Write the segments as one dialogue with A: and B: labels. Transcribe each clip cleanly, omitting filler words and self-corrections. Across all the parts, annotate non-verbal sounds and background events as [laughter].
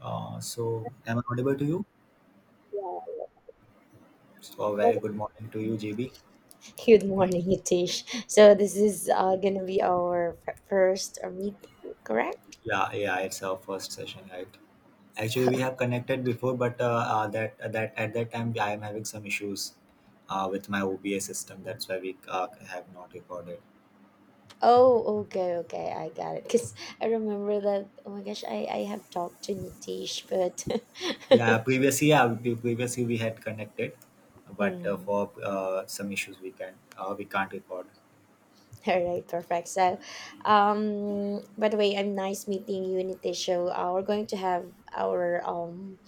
A: So, am I audible to you?
B: Yeah.
A: So, very good morning to you, GB.
B: Good morning, Hitesh. So this is gonna be our first meet, correct?
A: Yeah, yeah, it's our first session, right? Actually, we have connected before, but that that at that time I am having some issues with my OBS system. That's why we have not recorded.
B: Oh, okay, okay, I got it. Cause I remember that. Oh my gosh, I have talked to Nitesh, but
A: Yeah,
B: [laughs]
A: previously, yeah, previously we had connected, but
B: mm,
A: for some issues we can't record.
B: all right, perfect. So, by the way, I'm nice meeting you, Nitesh. So we're going to have our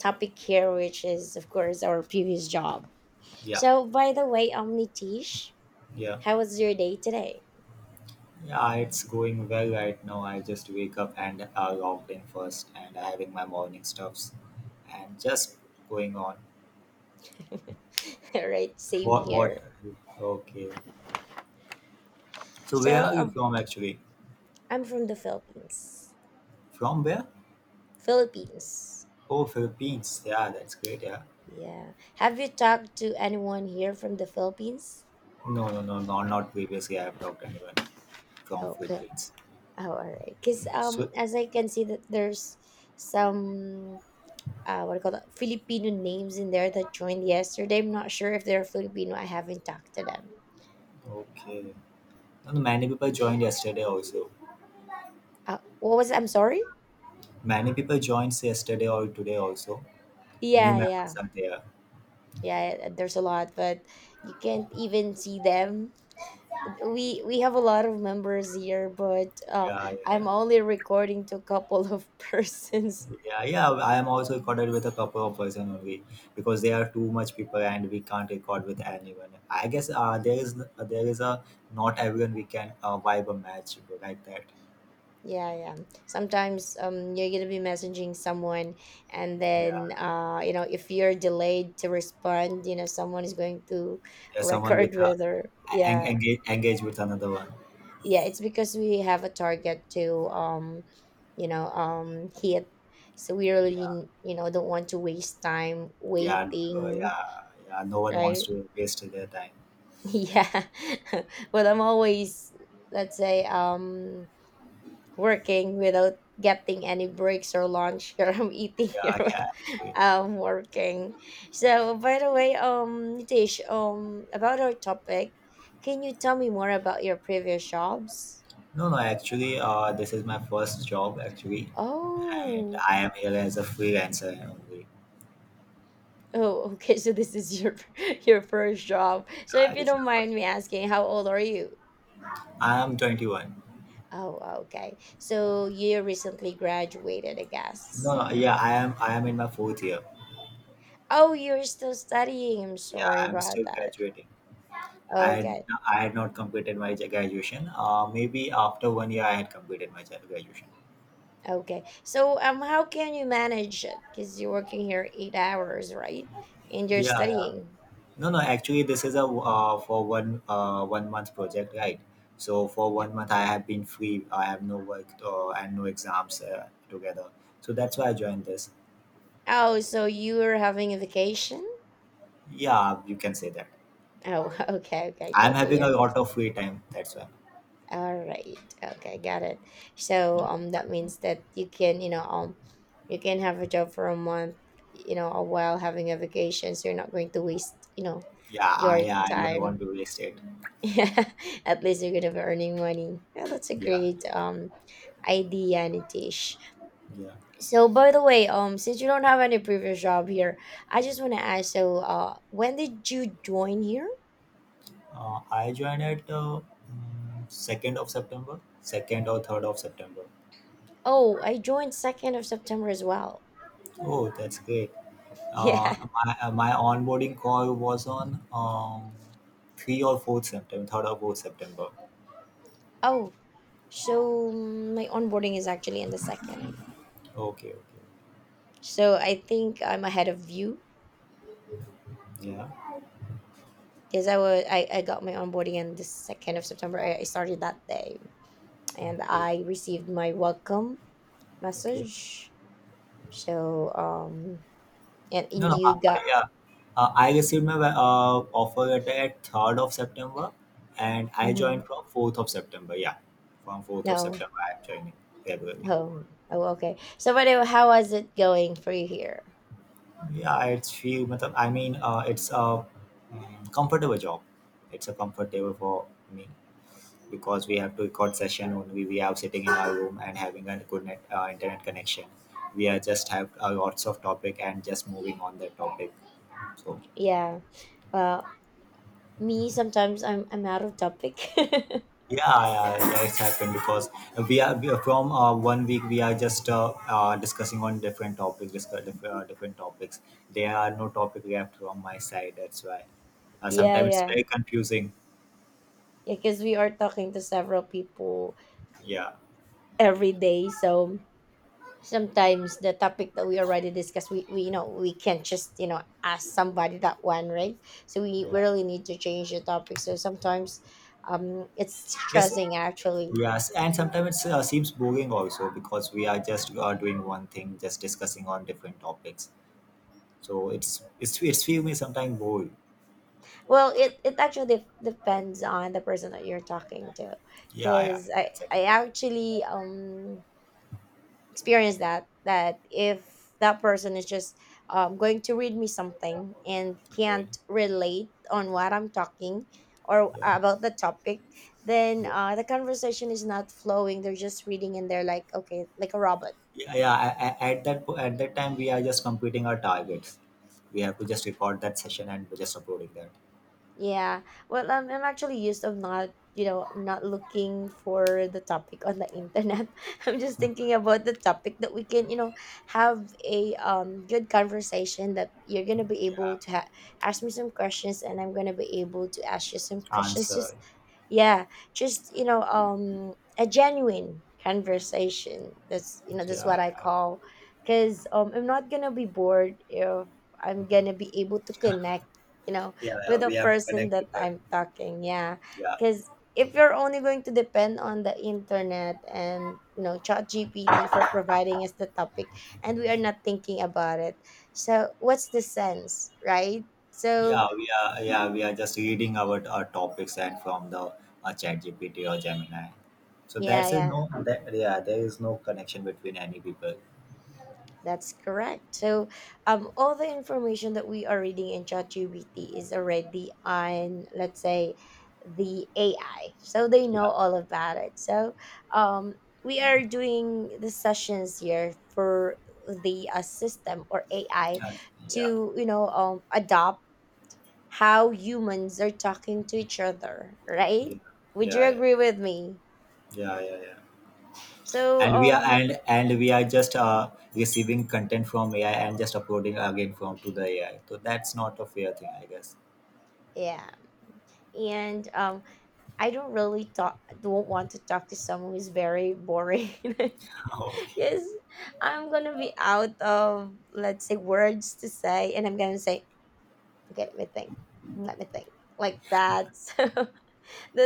B: topic here, which is of course our previous job.
A: Yeah,
B: So by the way, Nitesh,
A: yeah.
B: how was your day today?
A: Yeah, it's going well right now. I just wake up and logged in first, and having my morning stuffs, and just going on.
B: [laughs] Right, same
A: What? What?
B: here.
A: Okay. So where
B: So,
A: are you from actually?
B: I'm from the Philippines.
A: From where?
B: Philippines.
A: Oh, Philippines. Yeah, that's great. Yeah.
B: Yeah. Have you talked to anyone here from the Philippines?
A: No, no, no, no. Not previously. I have talked to anyone from
B: Oh, good.
A: Philippines.
B: Oh, all right. Because
A: So
B: as I can see that there's some what do you call that, Filipino names in there that joined yesterday. I'm not sure if they're Filipino. I haven't talked to them.
A: okay. No, no, many people joined yesterday also.
B: What was it? I'm sorry.
A: Many people joined yesterday or today also. New
B: Yeah, yeah,
A: members are there.
B: yeah. There's a lot, but you can't even see them. We have a lot of members here, but
A: Yeah, yeah, yeah.
B: I'm only recording to a couple of [laughs] persons.
A: Yeah, yeah. I am also recorded with a couple of person only because there are too much people and we can't record with anyone. I guess there is a not everyone we can vibe a match like that.
B: Yeah, yeah, sometimes you're gonna be messaging someone, and
A: Yeah,
B: then you know, if you're delayed to respond, you know, someone is going to
A: yeah. Someone
B: record. [laughs]
A: with a
B: Whether,
A: en-
B: yeah,
A: engage engage with another one.
B: yeah, it's because we have a target to, you know, hit, so we
A: Yeah,
B: really, you know, don't want to waste time
A: yeah,
B: waiting.
A: yeah, yeah. No one wants
B: Right.
A: to waste their time.
B: Yeah, [laughs] but I'm always, let's say, working without getting any breaks or lunch [laughs] here. I'm eating
A: Yeah,
B: here.
A: yeah. Actually.
B: I'm working. So, by the way, Nitish, about our topic, can you tell me more about your previous jobs?
A: No, no. Actually, this is my first job actually, and
B: Oh,
A: I am here as a freelancer only.
B: oh, [laughs] okay. So this is your [laughs] your first job. So if you
A: This is my
B: don't mind
A: first.
B: me asking, how old are you?
A: I am 21.
B: Oh, okay. So you recently graduated, I
A: No,
B: guess.
A: no, yeah, I am in my fourth year.
B: Oh, you're still studying. I'm
A: Yeah,
B: sorry
A: I am
B: about
A: still
B: that.
A: graduating. I had,
B: Okay,
A: I had not completed my graduation. Maybe after one year, I had completed my graduation.
B: okay. So, how can you manage it? Because you're working here 8 hours, right? And you're
A: Yeah, yeah.
B: studying.
A: No, no. Actually, this is a for one one month project, right? So for
B: Yeah.
A: one month, I have been free. I have no work and no exams together. So that's why I joined this.
B: Oh, so you are having a vacation?
A: Yeah, you can say that.
B: Oh, [laughs] okay, okay.
A: I'm
B: Totally
A: having a lot of
B: understand.
A: free time. That's why.
B: All right. Okay, got it. So, that means that you can, you know, you can have a job for a month, you know, while having a vacation. So you're not going to waste, you know,
A: Yeah,
B: your
A: I don't want
B: time.
A: to waste it.
B: Yeah, [laughs] at least you're gonna be earning money. Yeah, that's a
A: Yeah,
B: great
A: yeah,
B: idea, Nitish.
A: yeah.
B: So by the way, since you don't have any previous job here, I just wanna ask. So, when did you join here?
A: I joined at 2nd of September, 2nd or 3rd of September.
B: Oh, I joined 2nd of September as well.
A: Oh, that's great.
B: [laughs] Yeah.
A: My onboarding call was on 3 or 4th September, 3rd or 4th September.
B: Oh, so my onboarding is actually in the second.
A: Okay, okay.
B: So I think I'm ahead of you
A: Yeah.
B: because I got my onboarding in the 2nd of September. I started that day and
A: Okay,
B: I received my welcome
A: okay.
B: message. So, and,
A: No,
B: and
A: no,
B: you got
A: yeah. I received my offer letter at 3rd of September and I
B: mm-hmm,
A: joined from 4th of September. Yeah, from 4th of
B: no.
A: September, I'm joining February.
B: Oh, oh, okay. So, what? How was it going for you here?
A: Yeah, it's few. मतलब, I mean, it's a comfortable job. It's a comfortable for me because we have to record session only. We are sitting in our room and having a good internet connection. We are just have lots of topic and just moving on that topic. So
B: Yeah. Well, me, sometimes I'm out of topic. [laughs] Yeah,
A: yeah, yeah, yeah, it's happened because we are from one week we are just discussing on different topics, different topics. There are no topic left from my side. That's why sometimes it's
B: yeah,
A: very confusing.
B: yeah. Because we are talking to several people
A: Yeah.
B: every day, so sometimes the topic that we already discussed, we you know, we can't just, you know, ask somebody that one, right? So we
A: Yeah.
B: really need to change the topic. So sometimes, it's
A: Yes.
B: stressing actually.
A: Yes. And sometimes it seems boring also because we are just doing one thing, just discussing on different topics. So it's feel me sometimes boring.
B: Well, it actually depends on the person that you're talking to,
A: Yeah. Yeah.
B: because I
A: It's
B: I
A: actually
B: actually experienced that, that if that person is just going to read me something and
A: okay.
B: can't relate on what I'm talking or
A: Yeah.
B: about the topic, then
A: Yeah.
B: the conversation is not flowing. They're just reading and they're like okay, like a robot.
A: Yeah, yeah. At that time, we are just completing our targets. We have to just record that session and just uploading that
B: Yeah. Well, I'm actually used of not, you know, not looking for the topic on the internet. [laughs] I'm just thinking about the topic that we can, you know, have a good conversation, that you're gonna be able to ask me some questions and I'm gonna be able to ask you some questions.
A: answer.
B: Just, yeah, just you know, a genuine conversation. That's, you know, that's what
A: Yeah.
B: I
A: Yeah.
B: call, because I'm not gonna be bored if I'm gonna be able to connect. You know,
A: Yeah, yeah.
B: with the
A: We have to
B: person
A: connect
B: that
A: with that.
B: I'm talking. Yeah,
A: Yeah.
B: because if you're only going to depend on the internet and, you know, chat gpt for providing us the topic, and we are not thinking about it, so what's the sense, right? So
A: We are just reading our topics and from the chat GPT or Gemini. So
B: yeah,
A: that's is no
B: yeah,
A: that yeah there is no connection between any people.
B: that's correct. So, all the information that we are reading in ChatGPT is already on, let's say, the AI. So they know
A: Yeah,
B: all about it. So, um, we are doing the sessions here for the system or AI
A: yeah, yeah,
B: to, you know, adopt how humans are talking to each other, right? Would you
A: yeah, yeah,
B: agree with me?
A: yeah, yeah, yeah.
B: So,
A: And we are and and we are just receiving content from AI and just uploading again from to the AI. So that's not a fair thing, I guess.
B: yeah. And I don't really talk don't want to talk to someone who's very boring. [laughs]
A: [laughs] Oh,
B: Yes, I'm gonna be out of, let's say, words to say, and I'm gonna say, okay, let me think, like that. [laughs] So that,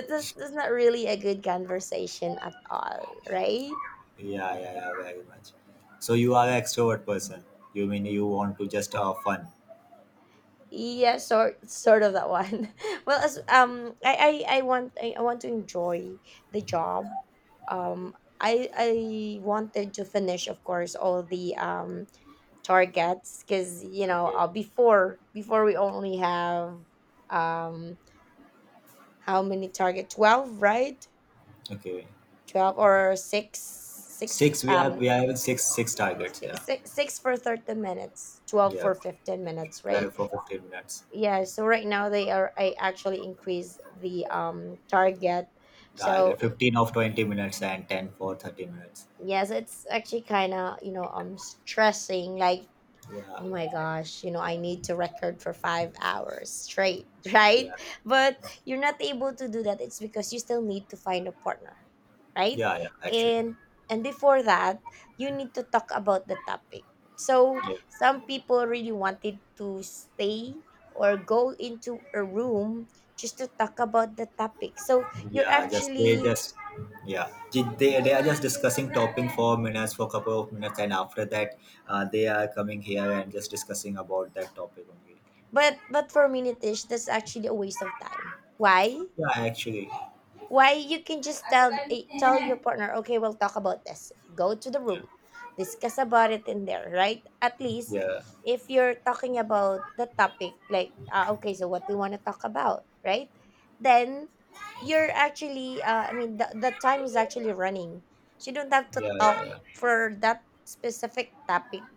B: that's not really a good conversation at all, right?
A: yeah, yeah, yeah, very much. So you are an extrovert person. You mean you want to just have fun?
B: Yeah, sort of that one. [laughs] Well, as I want to enjoy the job. I wanted to finish, of course, all the targets because, you know,
A: Okay,
B: before we only have um how many target, 12, right?
A: okay.
B: 12 or 6,
A: Six, we have we are having six targets. Yeah,
B: six, 6 for 30 minutes, 12
A: yeah.
B: for 15 minutes,
A: 12
B: right?
A: for 15 minutes.
B: Yeah, so right now they are, I actually increase the target, so
A: Target 15 of 20 minutes and ten for 30 minutes.
B: yes, it's actually kind of, you know, stressing. Like,
A: Yeah,
B: oh my gosh, you know, I need to record for 5 hours straight, [laughs] right?
A: yeah,
B: But you're not able to do that. It's because you still need to find a partner, right?
A: yeah, yeah. Actually,
B: And and before that, you need to talk about the topic. So
A: yeah,
B: some people really wanted to stay or go into a room just to talk about the topic. So you're
A: yeah. Just they
B: actually,
A: just yeah. They are just discussing topping for minutes for couple of minutes and after that, they are coming here and just discussing about that topic only.
B: but for me, Nitish, that's actually a waste of time. Why?
A: Yeah, actually,
B: Why you can just tell, tell your partner, okay, we'll talk about this, go to the room, discuss about it in there, right? At least
A: yeah,
B: if you're talking about the topic like, okay, so what do you want to talk about, right? Then you're actually, I mean, the time is actually running, so you don't have to
A: yeah, yeah,
B: talk
A: yeah,
B: for that specific topic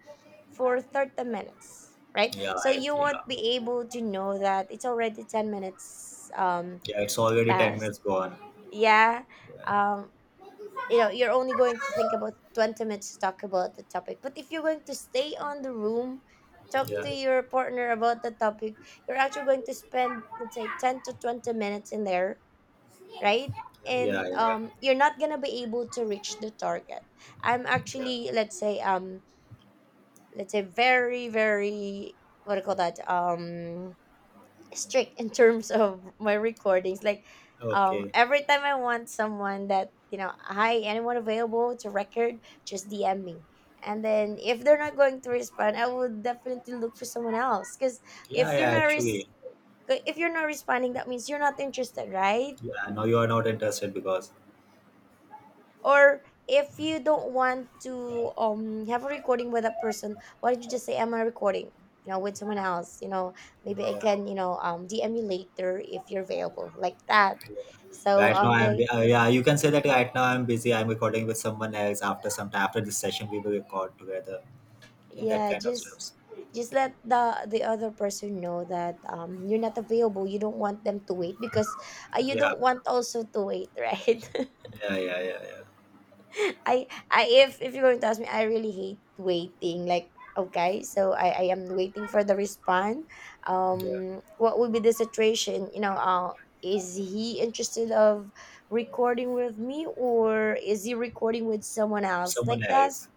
B: for 30 minutes, right?
A: yeah,
B: So you
A: yeah,
B: won't be able to know that it's already 10 minutes
A: yeah, it's already ten
B: past,
A: minutes gone.
B: yeah,
A: Yeah,
B: um you know, you're only going to think about 20 minutes to talk about the topic. But if you're going to stay on the room, talk
A: yeah,
B: to your partner about the topic, you're actually going to spend, let's say, 10 to 20 minutes in there, right?
A: yeah,
B: And
A: yeah, yeah.
B: you're not gonna be able to reach the target. I'm
A: Yeah.
B: actually, let's say, very, very, what do you call that, strict in terms [laughs] of my recordings. Like,
A: Okay.
B: every time I want someone that, you know, hi, anyone available to record, just DM me. And then if they're not going to respond, I would definitely look for someone else. Cause
A: Yeah,
B: if you're
A: yeah,
B: not
A: actually.
B: if you're not responding, that means you're not interested, right?
A: Yeah, no, you are not interested because
B: Or if you don't want to have a recording with that person, why don't you just say, am I recording, you know, with someone else? You know, maybe I
A: yeah,
B: can, you know, dm you later if you're available, like that.
A: yeah.
B: So
A: Right now I'm
B: they,
A: yeah, you can say that right now I'm busy. I'm recording with someone else after some time after this session we will record together. Yeah, that
B: yeah,
A: kind of
B: just
A: stuff.
B: just let the other person know that you're not available. You don't want them to wait, because you
A: Yeah.
B: don't want also to wait [laughs] right.
A: Yeah, yeah, yeah, yeah.
B: I if you're going to ask me, I really hate waiting. Like, okay, so I am waiting for the response.
A: Yeah.
B: What would be the situation? You know, is he interested of recording with me, or is he recording with someone else,
A: Someone
B: like that?
A: else.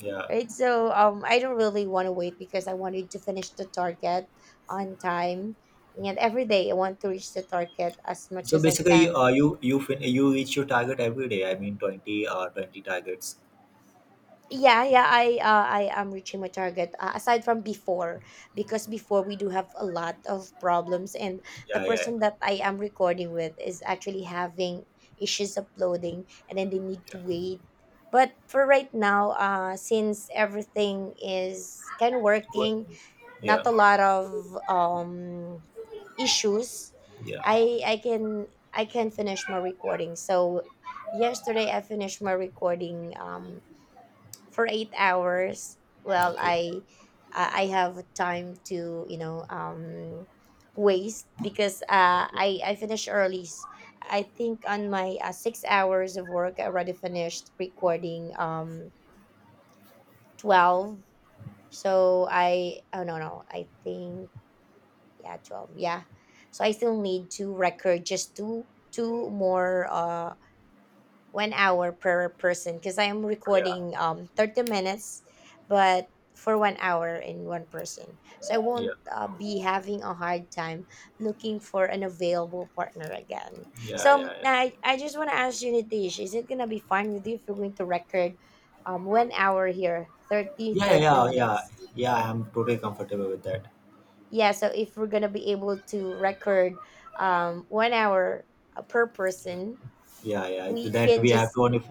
A: Yeah.
B: Right. So I don't really want to wait because I wanted to finish the target on time. And every day I want to reach the target as much
A: So
B: as I
A: basically
B: can.
A: you reach your target every day. I mean 20 or 20 targets.
B: Yeah, yeah, I am reaching my target, aside from before, because before we do have a lot of problems and the
A: Yeah, yeah.
B: person that I am recording with is actually having issues uploading, and then they need to
A: Yeah.
B: wait. But for right now, since everything is kind of
A: Go-
B: working, not
A: Yeah.
B: a lot of issues,
A: Yeah.
B: I can finish my recording. So yesterday I finished my recording for 8 hours. well
A: Okay.
B: i i i have time to waste, because uh
A: Okay.
B: i i finish early. I think on my 6 hours of work I already finished recording 12. So I, oh, no, no, I think, yeah, 12. Yeah. So I still need to record just two more, 1 hour per person, because I am
A: Yeah.
B: recording 30 minutes, but for 1 hour in one person. So I won't,
A: Yeah.
B: be having a hard time looking for an available partner again.
A: Yeah,
B: So,
A: yeah, yeah.
B: I just want to ask you, Nitish, is it going to be fine with you if we're going to record, 1 hour here, thirty
A: Yeah, yeah,
B: thirty
A: yeah. Yeah,
B: minutes?
A: yeah, I'm totally comfortable with that.
B: Yeah, so if we're going to be able to record, 1 hour, per person,
A: Yeah, yeah.
B: we
A: That
B: can
A: we have
B: just —
A: to only,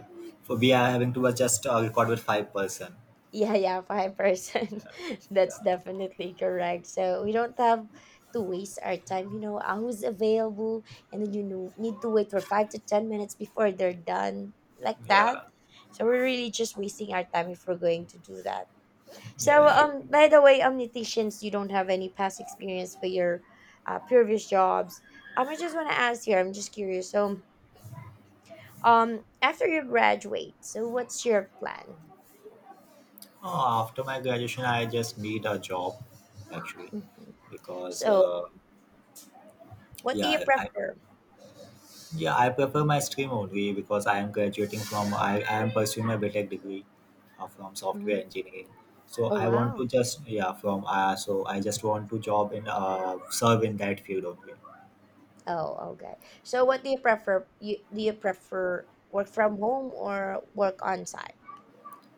A: for we are having to just record with five person.
B: yeah, yeah, 5%.
A: Yeah,
B: [laughs] That's
A: yeah,
B: definitely correct. So we don't have to waste our time. I was available, and then, need to wait for 5 to 10 minutes before they're done, like that.
A: yeah,
B: So we're really just wasting our time if we're going to do that. So,
A: yeah, yeah.
B: by the way, omniticians, you don't have any past experience for your previous jobs. I just want to ask here. I'm just curious. So, after you graduate, so what's your plan?
A: Oh, after my graduation, I just need a job, actually,
B: Mhm.
A: because
B: So what do you
A: yeah, I
B: prefer?
A: Yeah, I prefer my stream only because I am graduating I am pursuing my BTEC degree from software
B: Mhm.
A: engineering. So
B: Oh,
A: I want
B: wow.
A: to just yeah from so I just want to job in serve in that field only.
B: Oh, okay. So what do you prefer? You do you prefer work from home or work on site?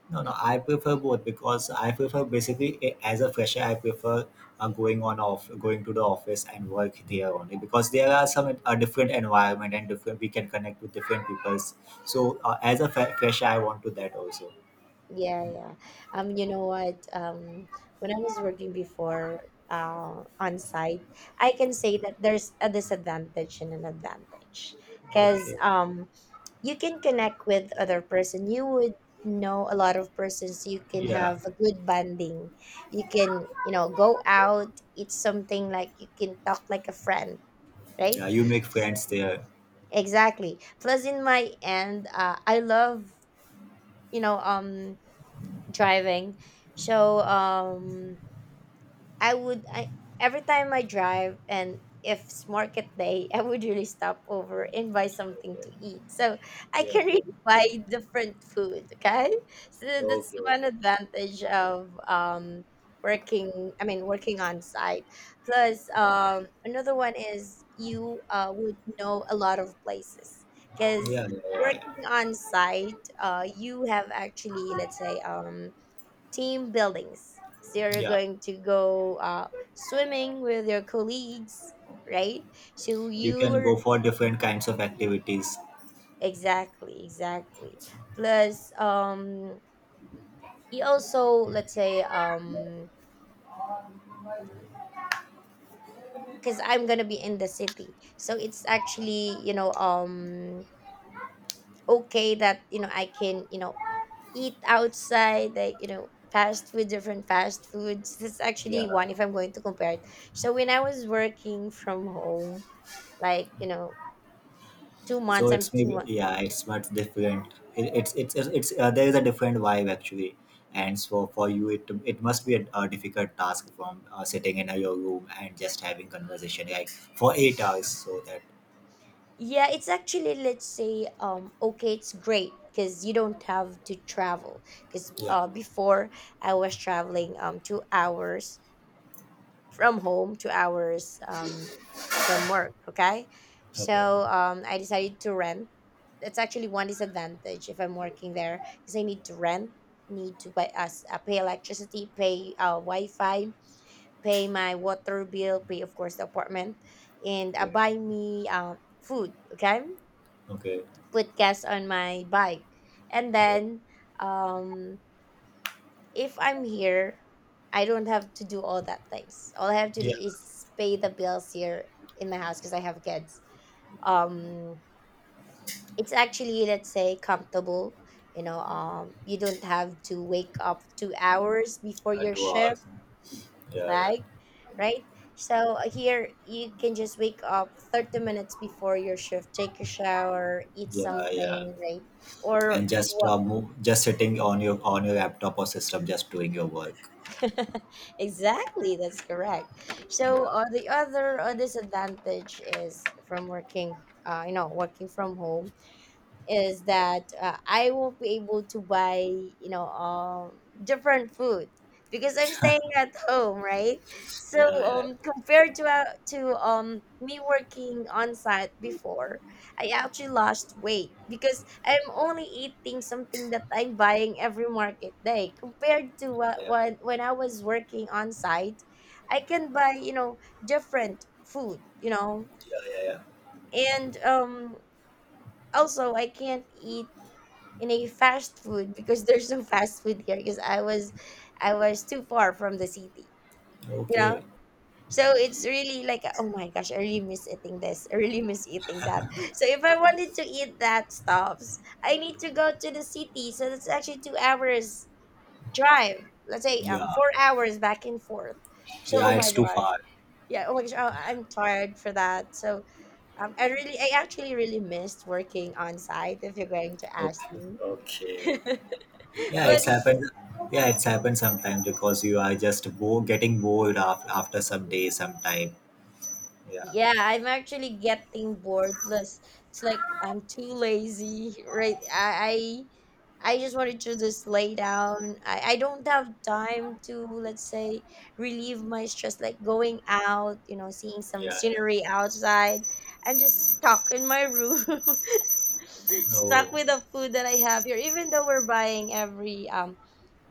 A: No, no, I prefer both because I prefer basically as a fresher I prefer going to the office and work there only because there are some different environment and different we can connect with different peoples. So as a fresher I want to that also.
B: Yeah, yeah. You know what? When I was working before, on site, I can say that there's a disadvantage and an advantage, because,
A: Okay.
B: you can connect with other person. You would know a lot of persons. You can
A: Yeah.
B: have a good bonding. You can, go out. It's something like you can talk like a friend, right?
A: Yeah, you make
B: S-
A: friends there.
B: exactly. Plus, in my end, I love, you know um driving. So, I would I every time I drive, and if it's market day, [laughs] I would really stop over and buy something to
A: Okay.
B: eat. So I
A: Yeah,
B: can
A: okay.
B: really [laughs] buy different food. Okay, so that's
A: Okay,
B: one
A: okay.
B: advantage of, working. I mean, working on site. Plus, another one is you, would know a lot of places, because
A: Yeah, yeah, yeah, yeah.
B: working on site, you have actually, let's say, team buildings. So you're
A: Yeah.
B: going to go, swimming with your colleagues, right? So
A: You can
B: you're
A: go for different kinds of activities.
B: Exactly, exactly. Plus, you also, let's say, because I'm gonna be in the city, so it's actually, okay that, I can, eat outside, like, fast food, different fast foods. That's actually
A: Yeah.
B: one, if I'm going to compare it. So when I was working from home, like you know
A: So it's
B: two
A: maybe
B: months
A: yeah, it's much different. It, it's, There is a different vibe actually. And so for you, it must be a difficult task from sitting in your room and just having conversation like for 8 hours. So that
B: yeah, it's actually, let's say, okay, it's great because you don't have to travel, because,
A: yeah.
B: before I was traveling, 2 hours from home, 2 hours, from work. Okay,
A: Okay.
B: so, I decided to rent. That's actually one disadvantage if I'm working there, because I need to rent, need to buy us, pay electricity, pay, wi-fi, pay my water bill, pay of course the apartment, and,
A: Okay.
B: buy me, food. Okay,
A: Okay.
B: put gas on my bike, and then, um, if I'm here, I don't have to do all that things. All I have to do
A: Yeah.
B: is pay the bills here in my house because I have kids. Um, it's actually, let's say, comfortable. You don't have to wake up 2 hours before your
A: Two
B: shift,
A: hours. Yeah. Yeah.
B: right? Right? So, here you can just wake up 30 minutes before your shift, take a shower, eat
A: Yeah. Yeah.
B: something, right? Or
A: And
B: what?
A: just sitting on your laptop or system, just doing your work.
B: [laughs] Exactly, that's correct. So,
A: Yeah,
B: the other, disadvantage is from working, working from home, is that, I won't be able to buy, different food, because I'm staying at [laughs] home, right? So,
A: yeah, yeah,
B: compared to, me working on site before, I actually lost weight because I'm only eating something that I'm buying every market day, compared to
A: yeah,
B: what
A: yeah,
B: when I was working on site, I can buy, different food,
A: yeah, yeah.
B: and, also I can't eat in a fast food because there's no fast food here, because I was too far from the city, you know?
A: Okay.
B: So it's really like, oh my gosh, I really miss eating this. I really miss eating that. So if I wanted to eat that stuffs, I need to go to the city. So that's actually 2 hours drive. Let's say,
A: Yeah,
B: 4 hours back and forth. So,
A: yeah,
B: oh my
A: it's too
B: gosh.
A: far.
B: Yeah, oh my gosh. Oh, I'm tired for that. So, I actually really missed working on site, if you're going to ask
A: Okay,
B: me.
A: okay.
B: [laughs]
A: Yeah,
B: But
A: it's happened. Yeah, it's happened sometimes because you are just getting bored after some day, sometime. Yeah,
B: yeah, I'm actually getting bored. Plus, it's like I'm too lazy, right? I just wanted to just lay down. I don't have time to, let's say, relieve my stress, like going out, seeing some
A: yeah, yeah.
B: scenery outside. I'm just stuck in my room, [laughs] stuck
A: Oh,
B: with the food that I have here, even though we're buying every,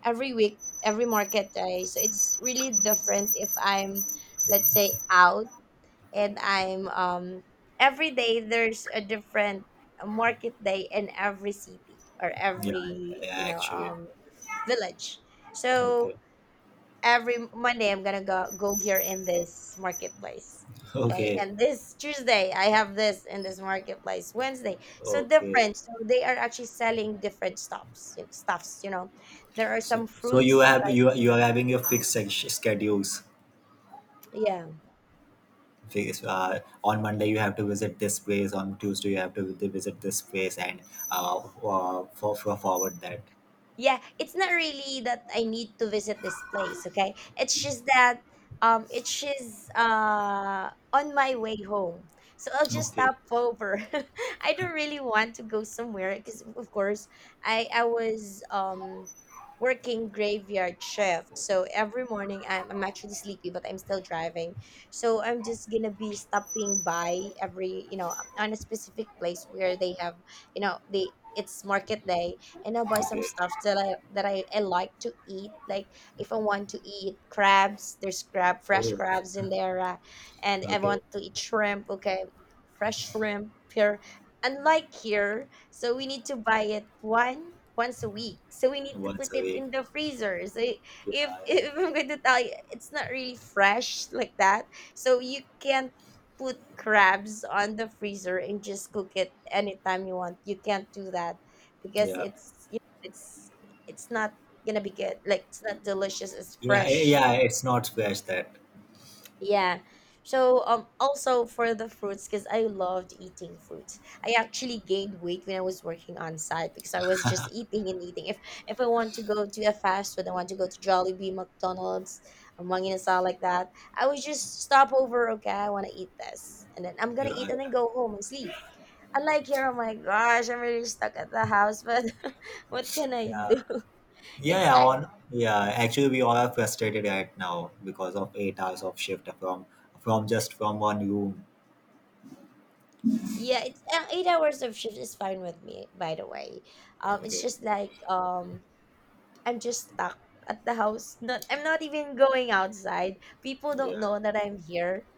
B: every week, every market day. So it's really different if I'm, let's say, out, and I'm, every day there's a different market day in every city or
A: yeah,
B: every,
A: yeah, actually.
B: village. So
A: Okay,
B: every Monday I'm gonna go here in this marketplace.
A: [laughs]
B: Okay,
A: okay,
B: and this Tuesday I have this in this marketplace. Wednesday, so
A: okay.
B: different. So they are actually selling different stuffs. There are
A: So,
B: some
A: so you
B: fruits.
A: have you you are having your fixed schedules.
B: Yeah,
A: Face on Monday you have to visit this place, on Tuesday you have to visit this place, and for forward that.
B: yeah, it's not really that I need to visit this place. Okay, it's just that, it's just, on my way home. So I'll just
A: Okay,
B: stop over. [laughs] I don't really want to go somewhere, because of course I was, working graveyard shift. So every morning I'm actually sleepy, but I'm still driving. So I'm just gonna be stopping by every, on a specific place where they have, you know they it's market day, and I'll buy some
A: okay.
B: stuff that I like to eat. Like if I want to eat crabs, there's crab fresh
A: Oh,
B: crabs in there, and I
A: okay.
B: want to eat shrimp. Okay, fresh shrimp here. Unlike here, so we need to buy it one once a week. So we need to put
A: Once a
B: it
A: week.
B: in the freezer. So
A: Yeah,
B: if [laughs] if I'm going to tell you, it's not really fresh like that. So you can't put crabs on the freezer and just cook it anytime you want. You can't do that, because
A: yeah,
B: it's, it's not gonna be good, like it's not delicious, it's
A: yeah, yeah,
B: fresh.
A: yeah, it's not fresh that.
B: Yeah. So, also for the fruits, because I loved eating fruits, I actually gained weight when I was working on site, because I was just eating and eating. If I want to go to a fast food, I want to go to Jollibee, McDonald's, Manginasa, like that, I would just stop over. Okay, I want to eat this, and then I'm gonna
A: Yeah,
B: eat and
A: yeah,
B: then go home and sleep. Unlike here, oh my gosh, I'm really stuck at the house. But [laughs] what can I
A: yeah,
B: do? It's
A: yeah.
B: ac
A: on yeah Actually, we all are frustrated right now because of 8 hours of shift from one room.
B: Yeah, it's, 8 hours of shift is fine with me, by the way. It's
A: Okay.
B: just like, I'm just stuck at the house. Not, I'm not even going outside. People don't
A: Yeah.
B: know that I'm here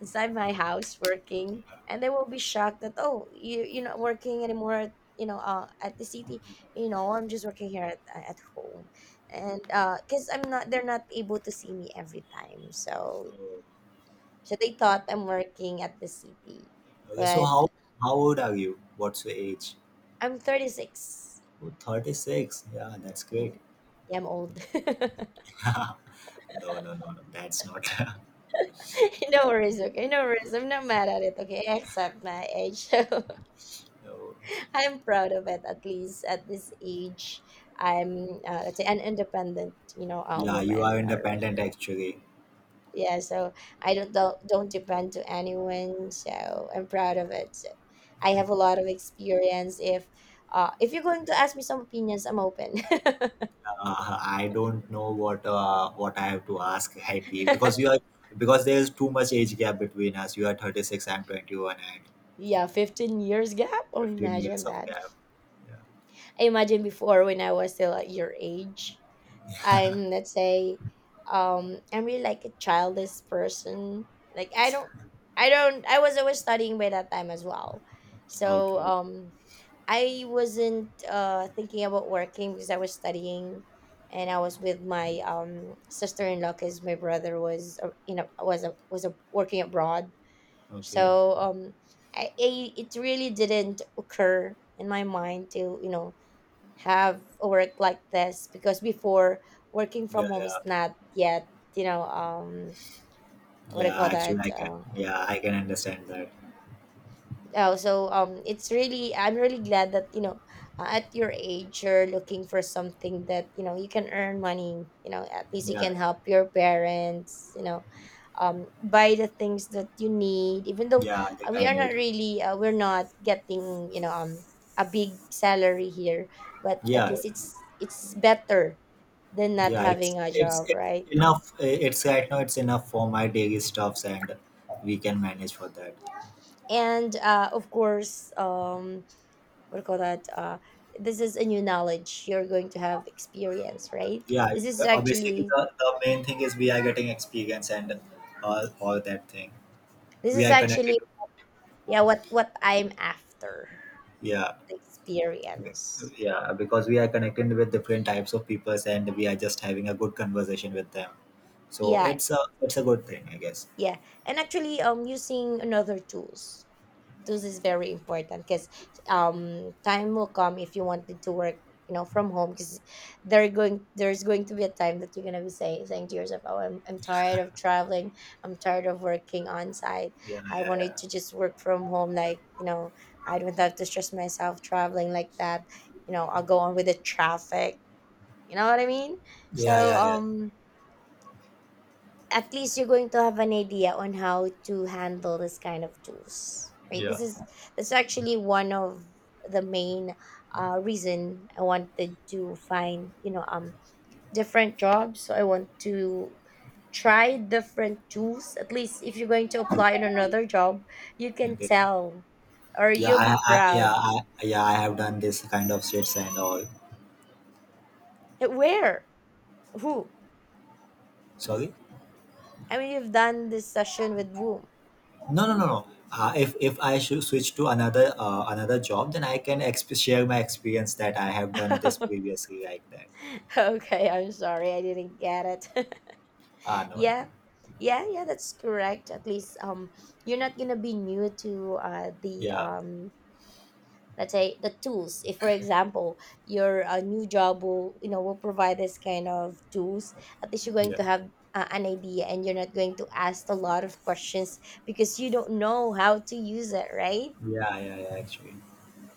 B: inside my house working, and they will be shocked that, oh, you're not working anymore. At, at the city. I'm just working here at, at home, and, cause I'm not, they're not able to see me every time. So they thought I'm working at the city,
A: Okay. So
B: but
A: how old are you, what's your age?
B: I'm 36.
A: Oh, 36. Yeah, that's great.
B: Mm, yeah, I'm old. [laughs]
A: [laughs] No, no, no, no. That's not.
B: No worries, okay? No worries. I'm not mad at it, okay? I accept my age. [laughs] So
A: [laughs] No.
B: I'm proud of it, at least at this age. I'm, let's say, an independent, a
A: Yeah, you
B: woman
A: are
B: already.
A: independent, actually.
B: Yeah, so I don't depend to anyone. So I'm proud of it. So I have a lot of experience. If you're going to ask me some opinions, I'm open.
A: I don't know what I have to ask, [laughs] Haiti, because you
B: [laughs]
A: are because there is too much age gap between us. You are 36, I'm 21, and
B: Yeah, 15 years gap. Oh,
A: 15
B: imagine
A: years of
B: that.
A: gap.
B: I imagine before when I was still at your age,
A: Yeah.
B: I'm let's say, I'm really like a childish person. Like I don't, I don't, I was always studying by that time as well.
A: [laughs]
B: So,
A: Okay.
B: I wasn't, thinking about working because I was studying, and I was with my, sister in law because my brother was, was a, working abroad.
A: Okay.
B: So um, I it really didn't occur in my mind to have work like this because before working
A: Yeah,
B: from home
A: yeah.
B: is not yet you know um what I
A: Yeah,
B: call
A: actually
B: that uh,
A: I can understand that.
B: It's really I'm really glad that at your age you're looking for something that you know you can earn money, you know, at least you
A: Yeah.
B: can help your parents, buy the things that you need, even though
A: Yeah, that
B: uh, we
A: I
B: are
A: need.
B: not really, we're not getting a big salary here, but at
A: Yeah,
B: least it's better than not
A: yeah, it's
B: having a
A: it's
B: job,
A: it's
B: right?
A: enough. It's right now. It's enough for my daily stuffs, and we can manage for that.
B: And uh, of course, um, what do you call that? This is a new knowledge. You're going to have experience, right?
A: Yeah,
B: This is
A: basically
B: actually,
A: the main thing is we are getting experience and all that thing.
B: this
A: We
B: is
A: are connected.
B: actually, yeah, what I'm after,
A: Yeah,
B: the experience.
A: yeah, because we are connected with different types of peoples, and we are just having a good conversation with them. So
B: Yeah,
A: it's a good thing, I guess.
B: yeah, and actually, using another tools. This is very important because time will come if you wanted to work, you know, from home because there's going to be a time that you're going to be saying to yourself, oh I'm tired of traveling, I'm tired of working on site.
A: Yeah,
B: I
A: yeah, yeah,
B: wanted to just work from home, like, you know, I don't have to stress myself traveling like that. You know, I'll go on with the traffic. You know what I mean so
A: yeah, yeah, yeah,
B: um at least you're going to have an idea on how to handle this kind of tools, right?
A: yeah.
B: This actually one of the main reason I wanted to find, different jobs. So I want to try different tools, at least if you're going to apply on another job, you can
A: Okay.
B: tell, or
A: Yeah,
B: you'll
A: I,
B: be
A: I yeah
B: proud.
A: I, yeah I have done this kind of shits and all.
B: Where? Who?
A: Sorry.
B: I mean, you've done this session with whom?
A: No, no, no, no. If I should switch to another job, then I can share my experience that I have done this
B: [laughs]
A: previously like that.
B: Okay, I'm sorry, I didn't get it. [laughs]
A: Ah, no, no.
B: Yeah. Yeah, yeah, that's correct. At least, you're not gonna be new to the,
A: Yeah,
B: let's say, the tools. If, for example, your, new job will, you know, will provide this kind of tools, at least you're going
A: yeah,
B: to have an idea and you're not going to ask a lot of questions because you don't know how to use it, right?
A: yeah, yeah, yeah. Actually,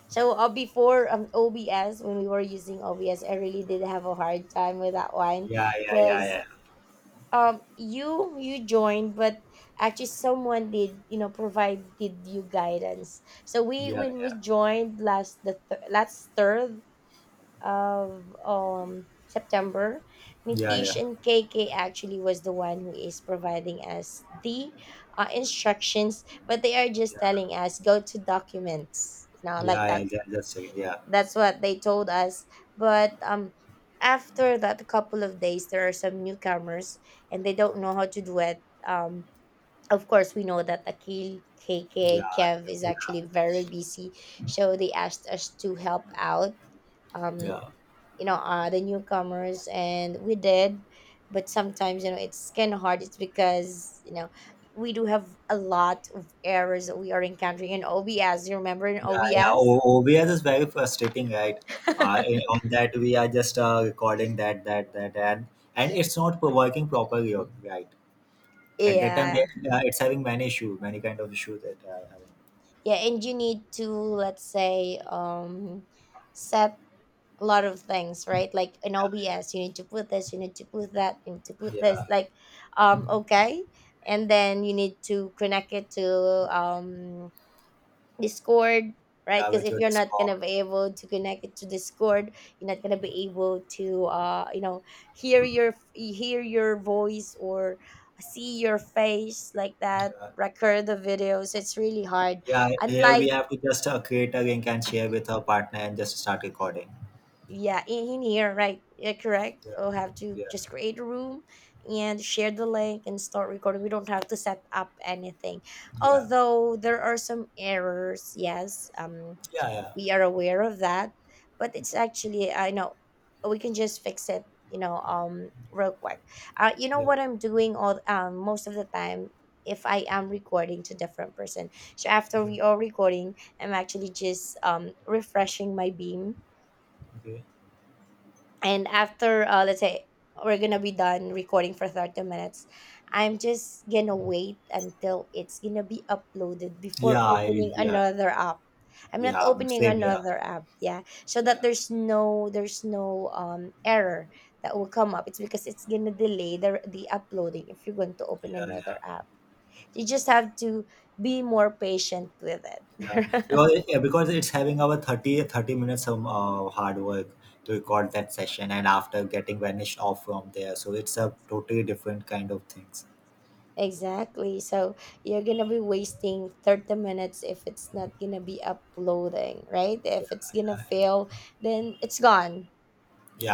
B: So, before OBS, when we were using OBS, I really did have a hard time with that one
A: yeah, yeah, yeah,
B: because,
A: yeah,
B: you joined, but actually someone did, you know, provide, did you guidance, so we,
A: yeah,
B: when
A: yeah,
B: we joined last, last third of September.
A: yeah,
B: Nitish
A: yeah,
B: and KK actually was the one who is providing us the instructions, but they are just telling us go to documents, you know, like
A: yeah,
B: that.
A: yeah, yeah, just a second. Yeah,
B: That's what they told us, but after that couple of days, there are some newcomers and they don't know how to do it. Of course, we know that Akil, K K,
A: yeah,
B: Kev is
A: yeah,
B: actually very busy, so they asked us to help out um
A: yeah,
B: you know, the newcomers, and we did. But sometimes, you know, it's kind of hard, it's because, you know, we do have a lot of errors that we are encountering in OBS. You remember in
A: yeah, yeah.
B: OBS?
A: OBS is very frustrating, right? On that we are just recording that and it's not working properly, right?
B: [laughs]
A: At that time,
B: Yeah,
A: it's having many issue, many kind of issue that I having.
B: yeah, and you need to, let's say, set a lot of things, right? Like in OBS, you need to put this, you need to put that, you need to put this,
A: Yeah,
B: like, okay, and then you need to connect it to, Discord, right?
A: yeah,
B: Because
A: with
B: if
A: your
B: you're not gonna
A: Discord.
B: be able to connect it to Discord, you're not gonna be able to, uh, you know, hear your voice or see your face, like that,
A: Yeah,
B: record the video. So it's really hard,
A: yeah. Here we
B: unlike,
A: have to just create a link and share with our partner and just start recording.
B: yeah, in here, right? Yeah, correct,
A: Yeah,
B: we'll have to
A: yeah,
B: just create a room and share the link and start recording. We don't have to set up anything.
A: yeah,
B: Although there are some errors, yes,
A: yeah,
B: we are aware of that, but it's actually, I know we can just fix it, you know, real quick. Uh, you know
A: yeah,
B: what I'm doing all, most of the time, if I am recording to different person, so after
A: yeah.
B: we are recording, I'm actually just, refreshing my beam.
A: Okay.
B: And after, let's say we're gonna be done recording for 30 minutes, I'm just gonna wait until it's gonna be uploaded before
A: Yeah,
B: opening
A: yeah,
B: another app. I'm not
A: yeah.
B: opening
A: Same. Yeah,
B: another app, yeah, so that
A: yeah,
B: there's no, there's no error that will come up. It's because it's gonna delay the uploading if you're going to
A: yeah,
B: open another
A: yeah.
B: app. You just have to be more patient with
A: Yeah,
B: it.
A: because,
B: [laughs]
A: because it's having our 30 30 minutes of hard work to record that session and after getting vanished off from there. So it's a totally different kind of things.
B: Exactly. So you're gonna be wasting 30 minutes if it's not gonna be uploading, right?
A: Yeah.
B: If it's gonna fail, then it's gone.
A: Yeah.